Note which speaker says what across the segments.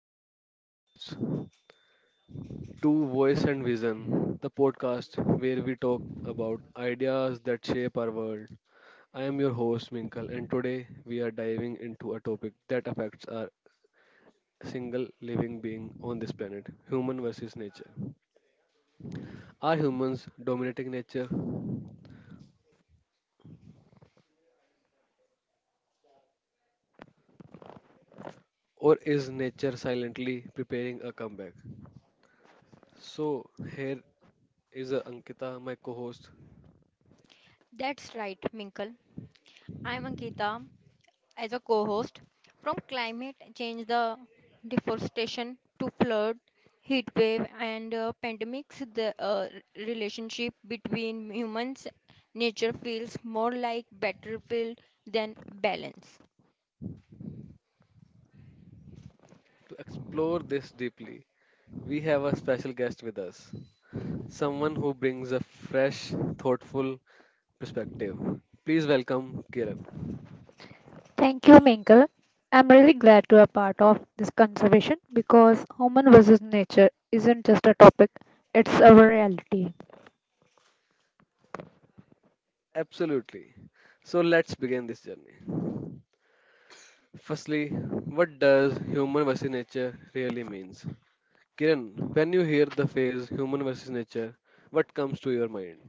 Speaker 1: our new podcast, To Voice and Vision, the podcast where we talk about ideas that shape our world. I am your host Minkal and today we are diving into a topic that affects our single living being on this planet, human versus nature. Are humans dominating nature or is nature silently preparing a comeback? So here is Ankita, my co-host.
Speaker 2: That's right, Minkle. I'm Ankita as a co host. From climate change, the deforestation to flood, heat wave, and pandemics, the relationship between humans, nature feels more like battlefield than balance.
Speaker 1: To explore this deeply, we have a special guest with us, someone who brings a fresh, thoughtful perspective. Please welcome Kiran.
Speaker 3: Thank you, Minkle. I'm really glad to be a part of this conservation because human versus nature isn't just a topic, it's a reality.
Speaker 1: Absolutely. So let's begin this journey. Firstly, what does human versus nature really means? Kiran, when you hear the phrase human versus nature, what comes to your mind?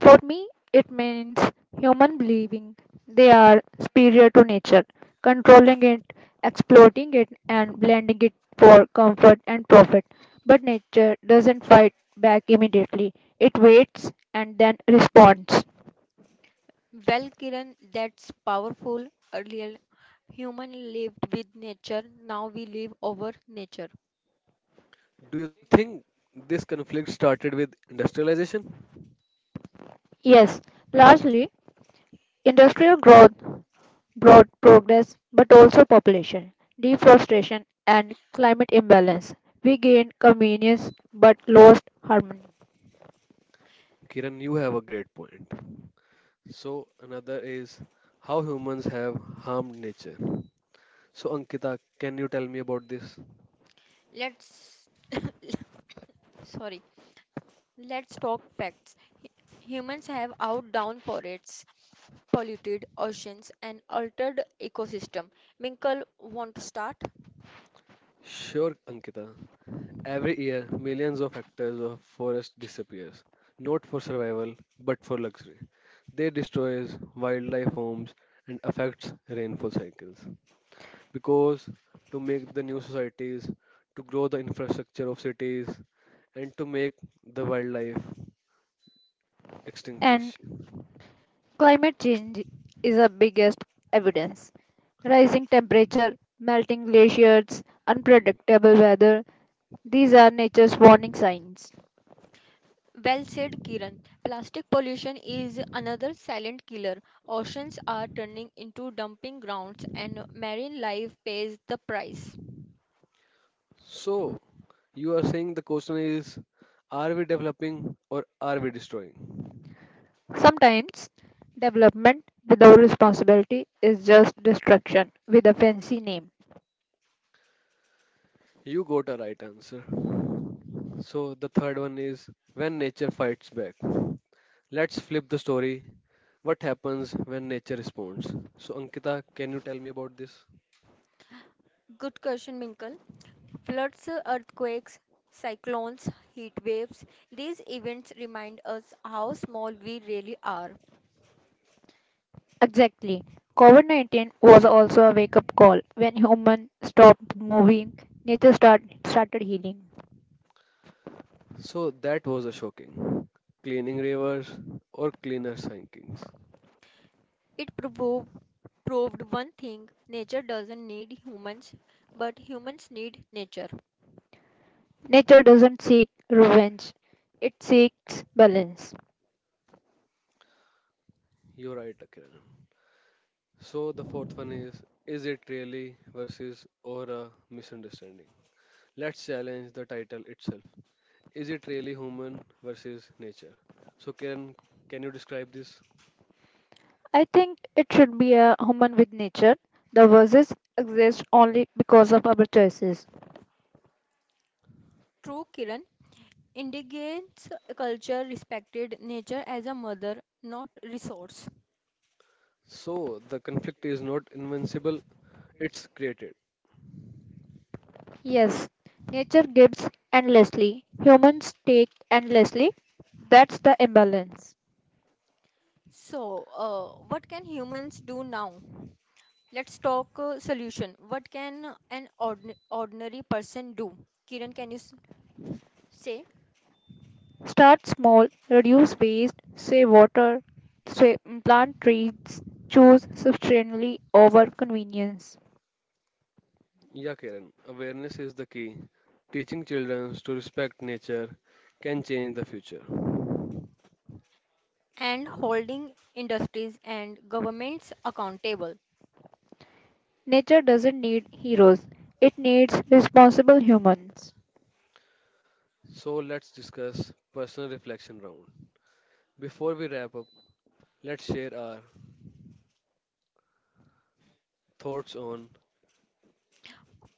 Speaker 3: For me, it means human believing they are superior to nature, controlling it, exploiting it, and blending it for comfort and profit. But nature doesn't fight back immediately, it waits and then responds.
Speaker 2: Well, Kiran, that's powerful. Earlier, human lived with nature, now we live over nature.
Speaker 1: Do you think this conflict started with industrialization?
Speaker 3: Yes, largely industrial growth broad progress but also population, deforestation, and climate imbalance. We gained convenience but lost harmony.
Speaker 1: Kiran, you have a great point. So another is how humans have harmed nature. So Ankita, can you tell me about this?
Speaker 2: Let's sorry. Let's talk facts. H- Humans have outdone forests, polluted oceans, and altered ecosystem. Minkle, want to start?
Speaker 1: Sure, Ankita. Every year, millions of hectares of forest disappears, not for survival, but for luxury. They destroys wildlife homes and affects rainfall cycles. Because to make the new societies, to grow the infrastructure of cities, and to make the wildlife
Speaker 3: And
Speaker 1: extinguish.
Speaker 3: climate change is the biggest evidence. Rising temperature, melting glaciers, unpredictable weather, these are nature's warning signs.
Speaker 2: Well said, Kiran. Plastic pollution is another silent killer. Oceans are turning into dumping grounds, and marine life pays the price.
Speaker 1: So, you are saying the question is, are we developing or are we destroying?
Speaker 3: Sometimes development without responsibility is just destruction with a fancy name.
Speaker 1: You got a right answer. So, the third one is when nature fights back. Let's flip the story. What happens when nature responds? So, Ankita, can you tell me about this?
Speaker 2: Good question, Minkle. Floods, earthquakes, cyclones, heat waves, these events remind us how small we really are.
Speaker 3: Exactly. COVID 19 was also a wake up call. When humans stopped moving, started healing.
Speaker 1: So, that was a shocking. Cleaning rivers or cleaner sinkings.
Speaker 2: It proved one thing nature doesn't need humans, but humans need nature.
Speaker 3: Nature doesn't seek revenge, it seeks balance.
Speaker 1: You're right, Akiran. So, the fourth one is it really versus or a misunderstanding? Let's challenge the title itself. Is it really human versus nature? So, Kiran, can you describe this?
Speaker 3: I think it should be a human with nature. The verses exist only because of our choices.
Speaker 2: True, Kiran. Indigenous culture respected nature as a mother, not resource.
Speaker 1: So, the conflict is not invincible, it's created.
Speaker 3: Yes, nature gives endlessly, humans take endlessly. That's the imbalance.
Speaker 2: So, what can humans do now? Let's talk solution. What can an ordinary person do? Kiran, can you say?
Speaker 3: Start small, reduce waste, save water, save, plant trees, choose sustainably over convenience.
Speaker 1: Yeah, Kiran, awareness is the key. Teaching children to respect nature can change the future.
Speaker 2: And holding industries and governments accountable.
Speaker 3: Nature doesn't need heroes, it needs responsible humans.
Speaker 1: So, let's discuss personal reflection round. Before we wrap up, let's share our thoughts on.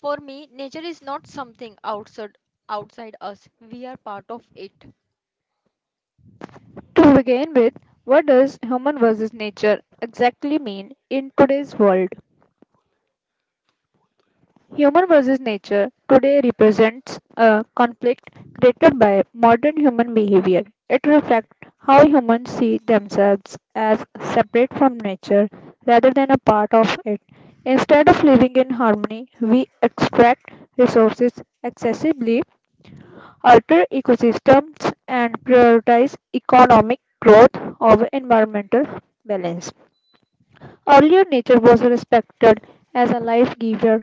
Speaker 2: For me, nature is not something outside us. We are part of it.
Speaker 3: To begin with, what does human versus nature exactly mean in today's world? Human versus nature today represents a conflict created by modern human behavior. It reflects how humans see themselves as separate from nature rather than a part of it. Instead of living in harmony, we extract resources excessively, alter ecosystems, and prioritize economic growth over environmental balance. Earlier, nature was respected as a life giver.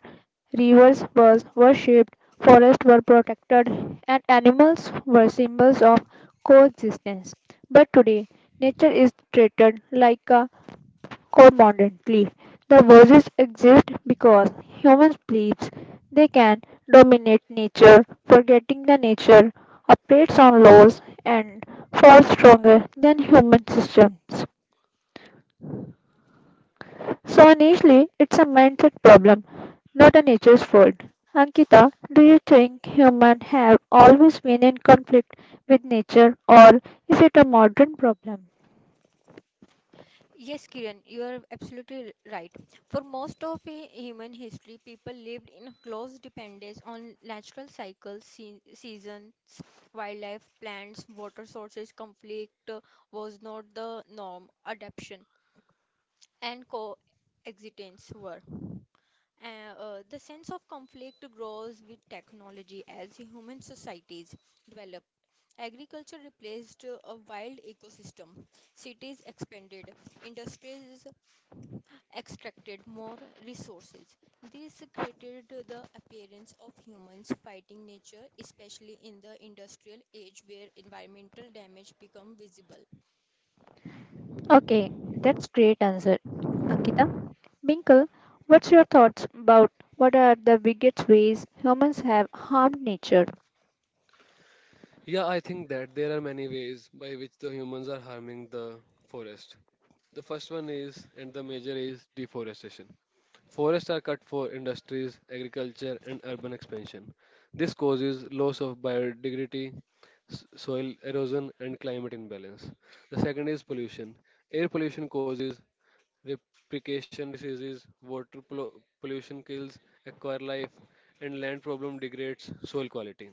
Speaker 3: Rivers were worshipped, forests were protected, and animals were symbols of coexistence. But today, nature is treated like a commodity. The verses exist because humans believe they can dominate nature, forgetting the nature operates on laws and far stronger than human systems. So honestly, it's a mindset problem, not a nature's fault. Ankita, do you think humans have always been in conflict with nature or is it a modern problem?
Speaker 2: Yes, Kiran, you are absolutely right. For most of human history, people lived in close dependence on natural cycles, seasons, wildlife, plants, water sources. Conflict was not the norm. Adaptation and coexistence were. The sense of conflict grows with technology as human societies develop. Agriculture replaced a wild ecosystem. Cities expanded, industries extracted more resources. This created the appearance of humans fighting nature, especially in the industrial age where environmental damage become visible.
Speaker 3: Okay, that's great answer, Ankita. Binkle, what's your thoughts about what are the biggest ways humans have harmed nature?
Speaker 1: Yeah, I think that there are many ways by which the humans are harming the forest. The first one is, and the major is, deforestation. Forests are cut for industries, agriculture, and urban expansion. This causes loss of biodiversity, soil erosion, and climate imbalance. The second is pollution. Air pollution causes replication diseases, pollution kills aquatic life, and land problem degrades soil quality.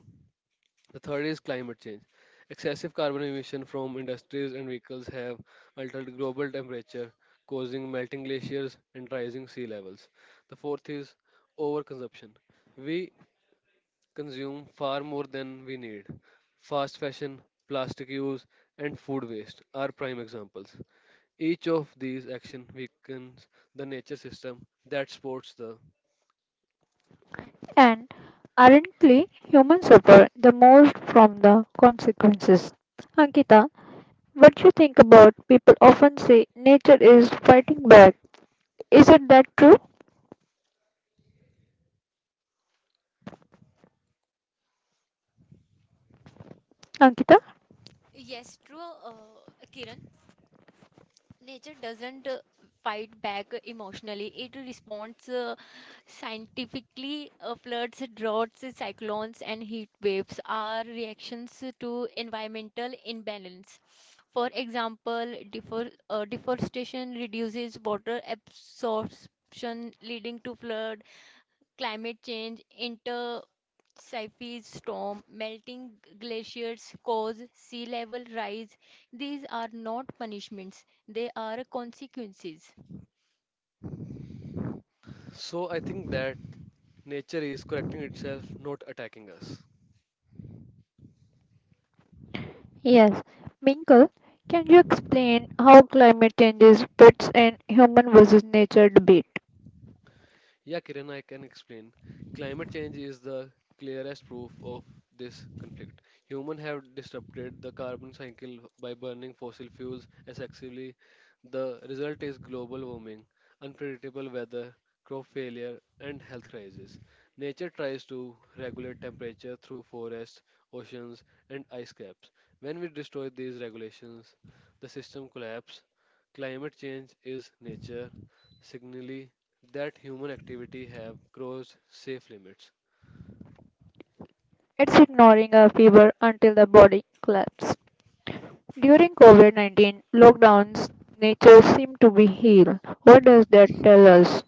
Speaker 1: The third is climate change. Excessive carbon emission from industries and vehicles have altered global temperature, causing melting glaciers and rising sea levels. The fourth is overconsumption. We consume far more than we need. Fast fashion, plastic use, and food waste are prime examples. Each of these action weakens the nature system that supports the.
Speaker 3: And ironically, humans suffer the most from the consequences. Ankita, what you think about people often say nature is fighting back. Is it that true, Ankita?
Speaker 2: Yes, true, Kiran. Nature doesn't fight back emotionally, it responds scientifically. Floods, droughts, cyclones, and heat waves are reactions to environmental imbalance. For example, deforestation reduces water absorption, leading to flood, climate change, intercyclic storm, melting glaciers cause sea level rise. These are not punishments, they are consequences.
Speaker 1: So I think that nature is correcting itself, not attacking us.
Speaker 3: Yes, Minkle, can you explain how climate change fits in human versus nature debate?
Speaker 1: Yeah, Kiran, I can explain. Climate change is the clearest proof of this conflict. Humans have disrupted the carbon cycle by burning fossil fuels excessively. The result is global warming, unpredictable weather, crop failure, and health crises. Nature tries to regulate temperature through forests, oceans, and ice caps. When we destroy these regulations, the system collapses. Climate change is nature signally that human activity have crossed safe limits.
Speaker 3: It's ignoring a fever until the body collapses. During COVID 19 lockdowns, nature seemed to be healed. What does that tell us?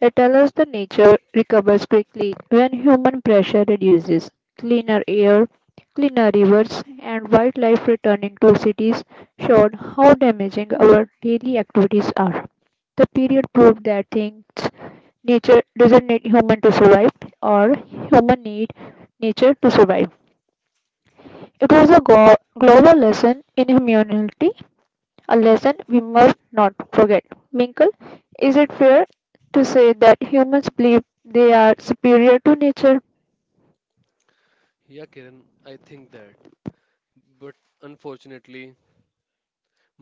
Speaker 3: It tells us that nature recovers quickly when human pressure reduces. Cleaner air, cleaner rivers, and wildlife returning to cities showed how damaging our daily activities are. The period proved that things nature doesn't need human to survive, or human need nature to survive. It was a global lesson in humanity a lesson we must not forget. Minkle, is it fair to say that humans believe they are superior to nature?
Speaker 1: Yeah, Kiran, I think that. But unfortunately,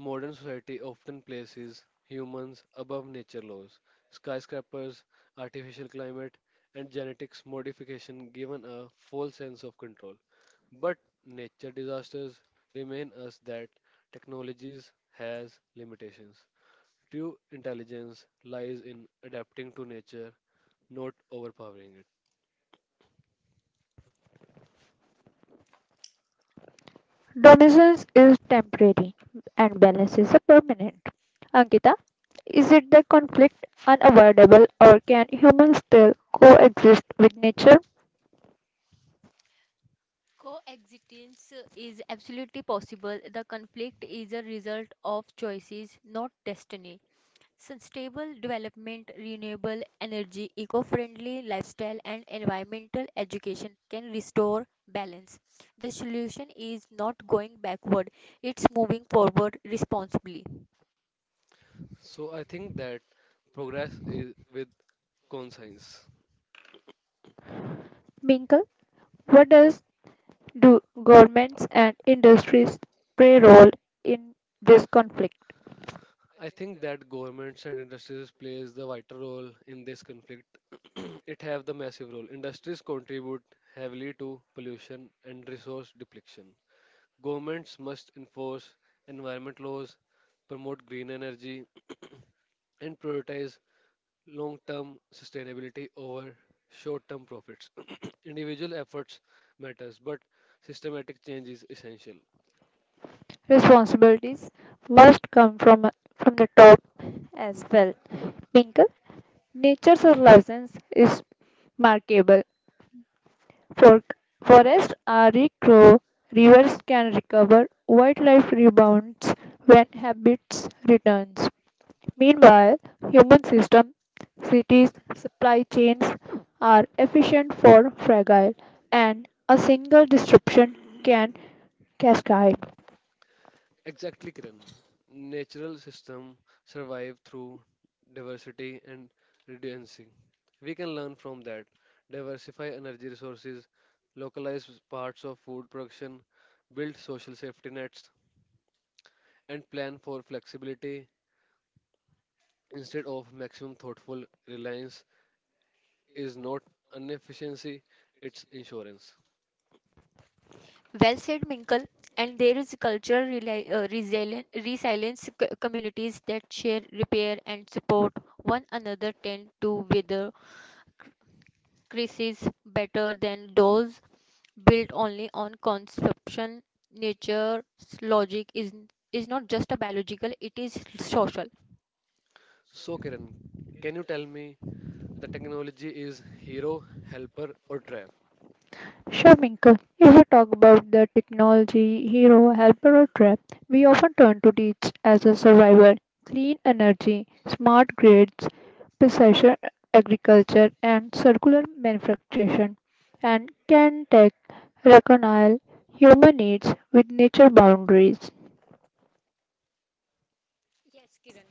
Speaker 1: modern society often places humans above nature laws. Skyscrapers, artificial climate, and genetics modification given a false sense of control. But nature disasters remain us that technologies has limitations. True intelligence lies in adapting to nature, not overpowering it.
Speaker 3: Dominance is temporary and balance is a permanent. Ankita, is it the conflict unavoidable or can humans still coexist with nature?
Speaker 2: Coexistence is absolutely possible. The conflict is a result of choices, not destiny. Sustainable development, renewable energy, eco friendly lifestyle, and environmental education can restore balance. The solution is not going backward, it's moving forward responsibly.
Speaker 1: So I think that progress is with conscience.
Speaker 3: Minkle, what does do governments and industries play role in this conflict?
Speaker 1: I think that governments and industries plays the vital role in this conflict. It have the massive role. Industries contribute heavily to pollution and resource depletion. Governments must enforce environment laws, promote green energy, and prioritize long-term sustainability over short-term profits. Individual efforts matters, but systematic change is essential.
Speaker 3: Responsibilities must come from the top as well. Pink, nature's license is markable. For, forests are regrow, rivers can recover, wildlife rebounds when habits returns. Meanwhile, human system, cities, supply chains are efficient for fragile, and a single disruption can cascade.
Speaker 1: Exactly, Kiran. Natural system survive through diversity and redundancy. We can learn from that. Diversify energy resources, localize parts of food production, build social safety nets, and plan for flexibility instead of maximum thoughtful reliance is not an efficiency, it's insurance.
Speaker 2: Well said, Minkle. And there is cultural resilience communities that share, repair, and support one another tend to weather crises better than those built only on consumption. Nature's logic is not just a biological, it is social.
Speaker 1: So, Kiran, can you tell me, the technology is hero, helper, or trap?
Speaker 3: Sure, Minka. If we talk about the technology hero, helper, or trap, we often turn to teach as a survival. Clean energy, smart grids, precision agriculture, and circular manufacturing, and can tech reconcile human needs with nature boundaries.
Speaker 2: Yes, Kiran.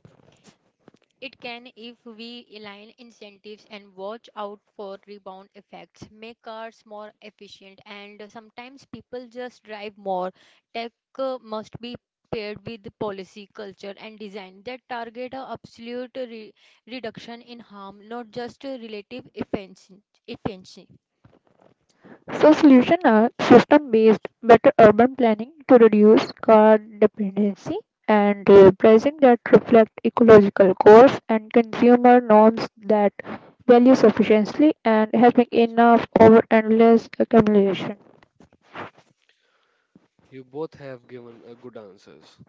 Speaker 2: It can if we align incentives and watch out for rebound effects, make cars more efficient, and sometimes people just drive more. Tech must be paired with policy, culture, and design that target a absolute reduction in harm, not just a relative efficiency.
Speaker 3: So solutions are system-based, better urban planning to reduce car dependency and pricing that reflect ecological goals and consumer norms that value sufficiency and having enough over endless accumulation.
Speaker 1: You both have given good answers.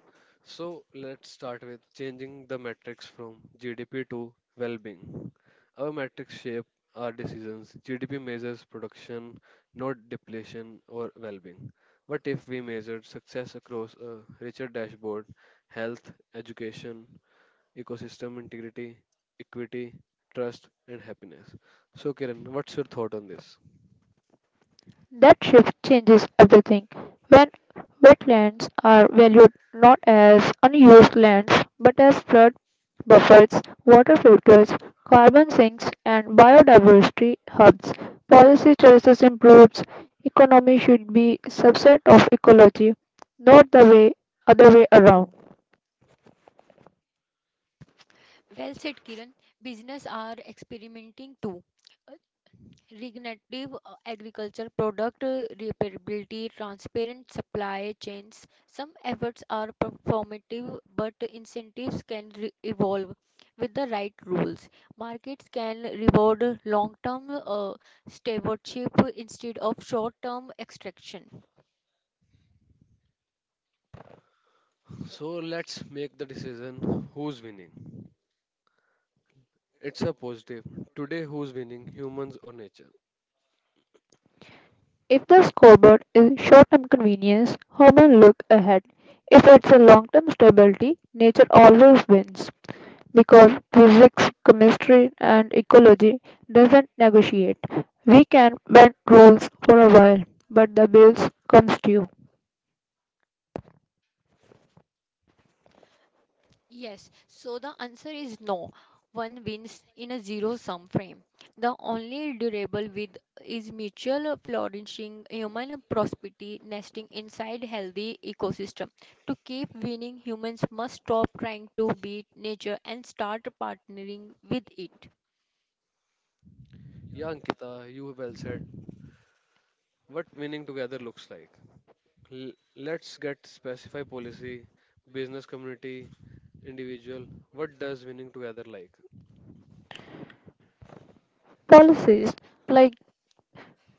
Speaker 1: So let's start with changing the metrics from GDP to well being. Our metrics shape our decisions. GDP measures production, not depletion or well being. But if we measured success across a richer dashboard, health, education, ecosystem integrity, equity, trust, and happiness? So, Kiran, what's your thought on this?
Speaker 3: That shift changes everything. When wetlands are valued not as unused lands but as flood buffets, water filters, carbon sinks, and biodiversity hubs. Policy choices improves economy should be subset of ecology, not the way around.
Speaker 2: Well said, Kiran. Business are experimenting too. Regenerative agriculture, product repairability, transparent supply chains. Some efforts are performative, but incentives can evolve with the right rules. Markets can reward long term stewardship instead of short term extraction.
Speaker 1: So, let's make the decision, who's winning. It's a positive. Today, who's winning, humans or nature?
Speaker 3: If the scoreboard is short-term convenience, human look ahead. If it's a long-term stability, nature always wins because physics, chemistry, and ecology doesn't negotiate. We can bend rules for a while, but the bills comes due.
Speaker 2: Yes, so the answer is no. One wins in a zero-sum frame. The only durable with is mutual flourishing, human prosperity nesting inside healthy ecosystem. To keep winning, humans must stop trying to beat nature and start partnering with it.
Speaker 1: Yeah, Ankita, you well said what winning together looks like. Let's get specify policy, business community, individual. What does winning together like?
Speaker 3: Policies like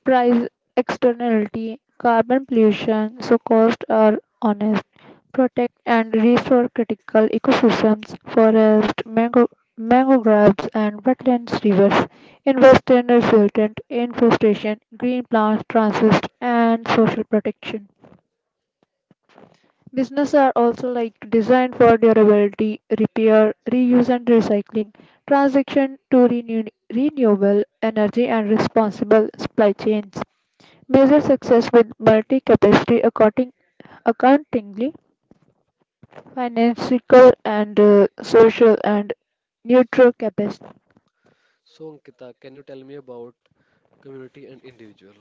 Speaker 3: price externality, carbon pollution, so costs are honest, protect and restore critical ecosystems, forest, mangroves and wetlands, rivers, invest in resilient infestation, green plants, transit and social protection. Business are also like designed for durability, repair, reuse and recycling, transition to renewable energy and responsible supply chains. Measure success with multi-capacity accounting, accountingly, financial and social and neutral capacity.
Speaker 1: So, Ankita, can you tell me about community and individual?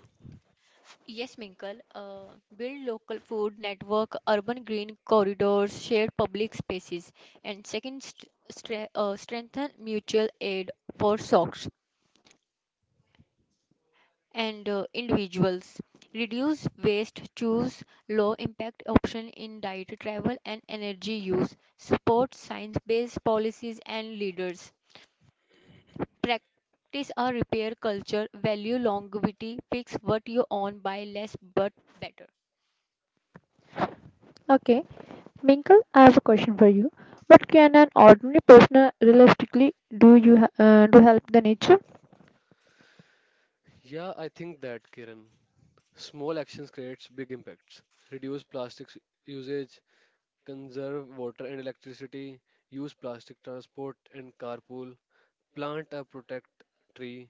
Speaker 2: Yes, Minkle, build local food network, urban green corridors, share public spaces, and second, strengthen mutual aid for SOCs. And individuals. Reduce waste, choose low impact option in diet, travel and energy use. Support science-based policies and leaders. Practice a repair culture, value longevity, fix what you own, buy less but better.
Speaker 3: Okay, Minkle, I have a question for you. What can an ordinary person realistically do you to help the nature?
Speaker 1: Yeah, I think that, Kiran. Small actions creates big impacts. Reduce plastics usage, conserve water and electricity, use plastic transport and carpool, plant a protect tree,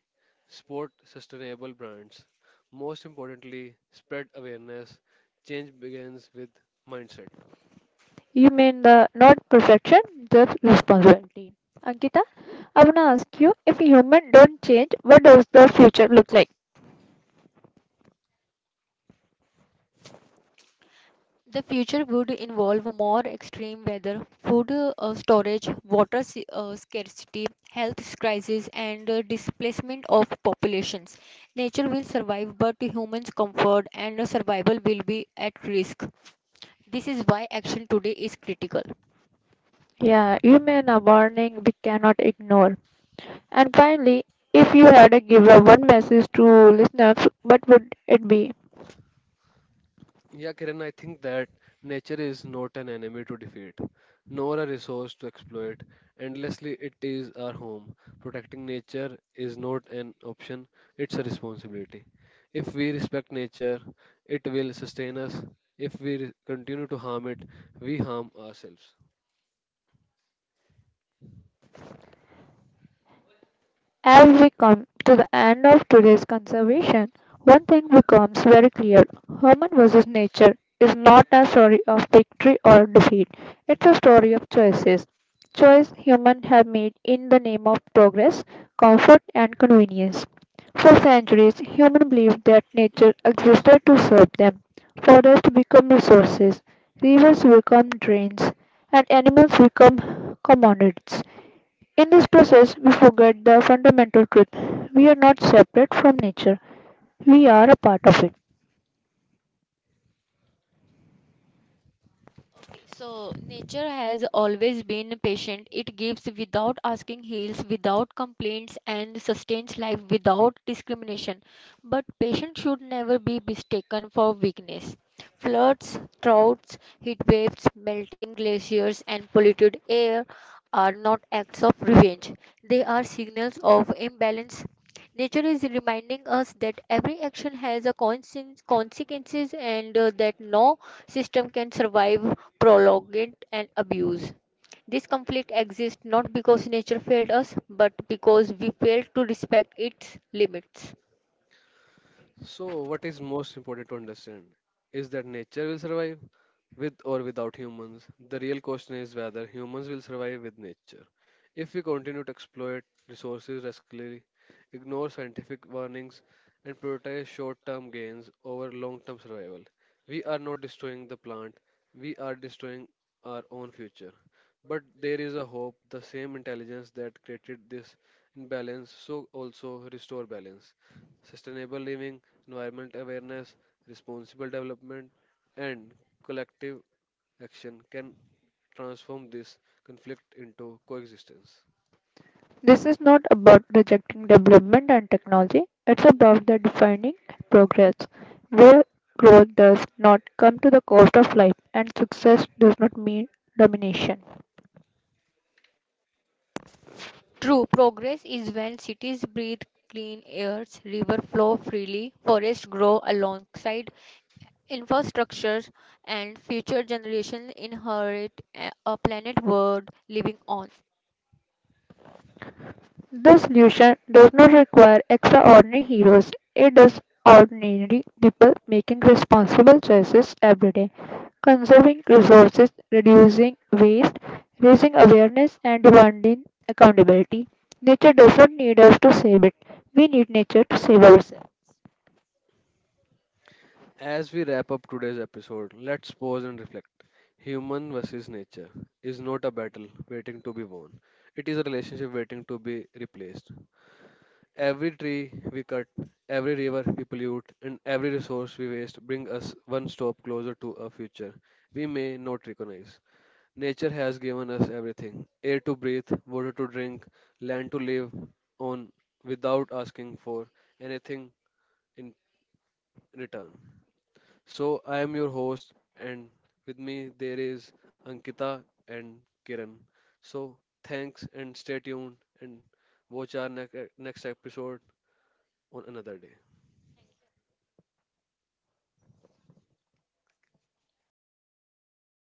Speaker 1: support sustainable brands. Most importantly, spread awareness. Change begins with mindset.
Speaker 3: You mean the not perfection, just responsibility. Ankita, I wanna ask you if human don't change, what does the future look like?
Speaker 2: The future would involve more extreme weather, food storage, water scarcity, health crises, and displacement of populations. Nature will survive, but humans' comfort and survival will be at risk. This is why action today is critical.
Speaker 3: Yeah, you mean a warning we cannot ignore. And finally, if you had to give a one message to listeners, what would it be?
Speaker 1: Yeah, Kiran, I think that nature is not an enemy to defeat, nor a resource to exploit. Endlessly, it is our home. Protecting nature is not an option, it's a responsibility. If we respect nature, it will sustain us. If we continue to harm it, we harm ourselves.
Speaker 3: As we come to the end of today's conservation, one thing becomes very clear. Human versus nature is not a story of victory or defeat. It's a story of choices. Choice humans have made in the name of progress, comfort and convenience. For centuries, humans believed that nature existed to serve them. Forests become resources, rivers become drains, and animals become commodities. In this process, we forget the fundamental truth. We are not separate from nature, we are a part of it.
Speaker 2: So, nature has always been patient. It gives without asking, heals without complaints, and sustains life without discrimination. But patience should never be mistaken for weakness. Floods, droughts, heat waves, melting glaciers, and polluted air are not acts of revenge. They are signals of imbalance. Nature is reminding us that every action has a consequences and that no system can survive prolonged and abused. This conflict exists not because nature failed us, but because we failed to respect its limits.
Speaker 1: So, what is most important to understand is that nature will survive, with or without humans, the real question is whether humans will survive with nature. If we continue to exploit resources recklessly, ignore scientific warnings, and prioritize short term gains over long term survival, we are not destroying the plant, we are destroying our own future. But there is a hope, the same intelligence that created this imbalance so also restore balance. Sustainable living, environment awareness, responsible development, and collective action can transform this conflict into coexistence.
Speaker 3: This is not about rejecting development and technology, it's about the defining progress, where growth does not come to the cost of life and success does not mean domination.
Speaker 2: True progress is when cities breathe clean airs, rivers flow freely, forests grow alongside infrastructure, and future generations inherit a planet worth living on.
Speaker 3: The solution does not require extraordinary heroes. It does ordinary people making responsible choices every day, conserving resources, reducing waste, raising awareness, and demanding accountability. Nature does not need us to save it. We need nature to save ourselves.
Speaker 1: As we wrap up today's episode, let's pause and reflect. Human versus nature is not a battle waiting to be won. It is a relationship waiting to be replaced. Every tree we cut, every river we pollute, and every resource we waste bring us one stop closer to a future we may not recognize. Nature has given us everything, air to breathe, water to drink, land to live on, without asking for anything in return. So, I am your host, and with me there is Ankita and Kiran. So, thanks and stay tuned and watch our next episode on another day.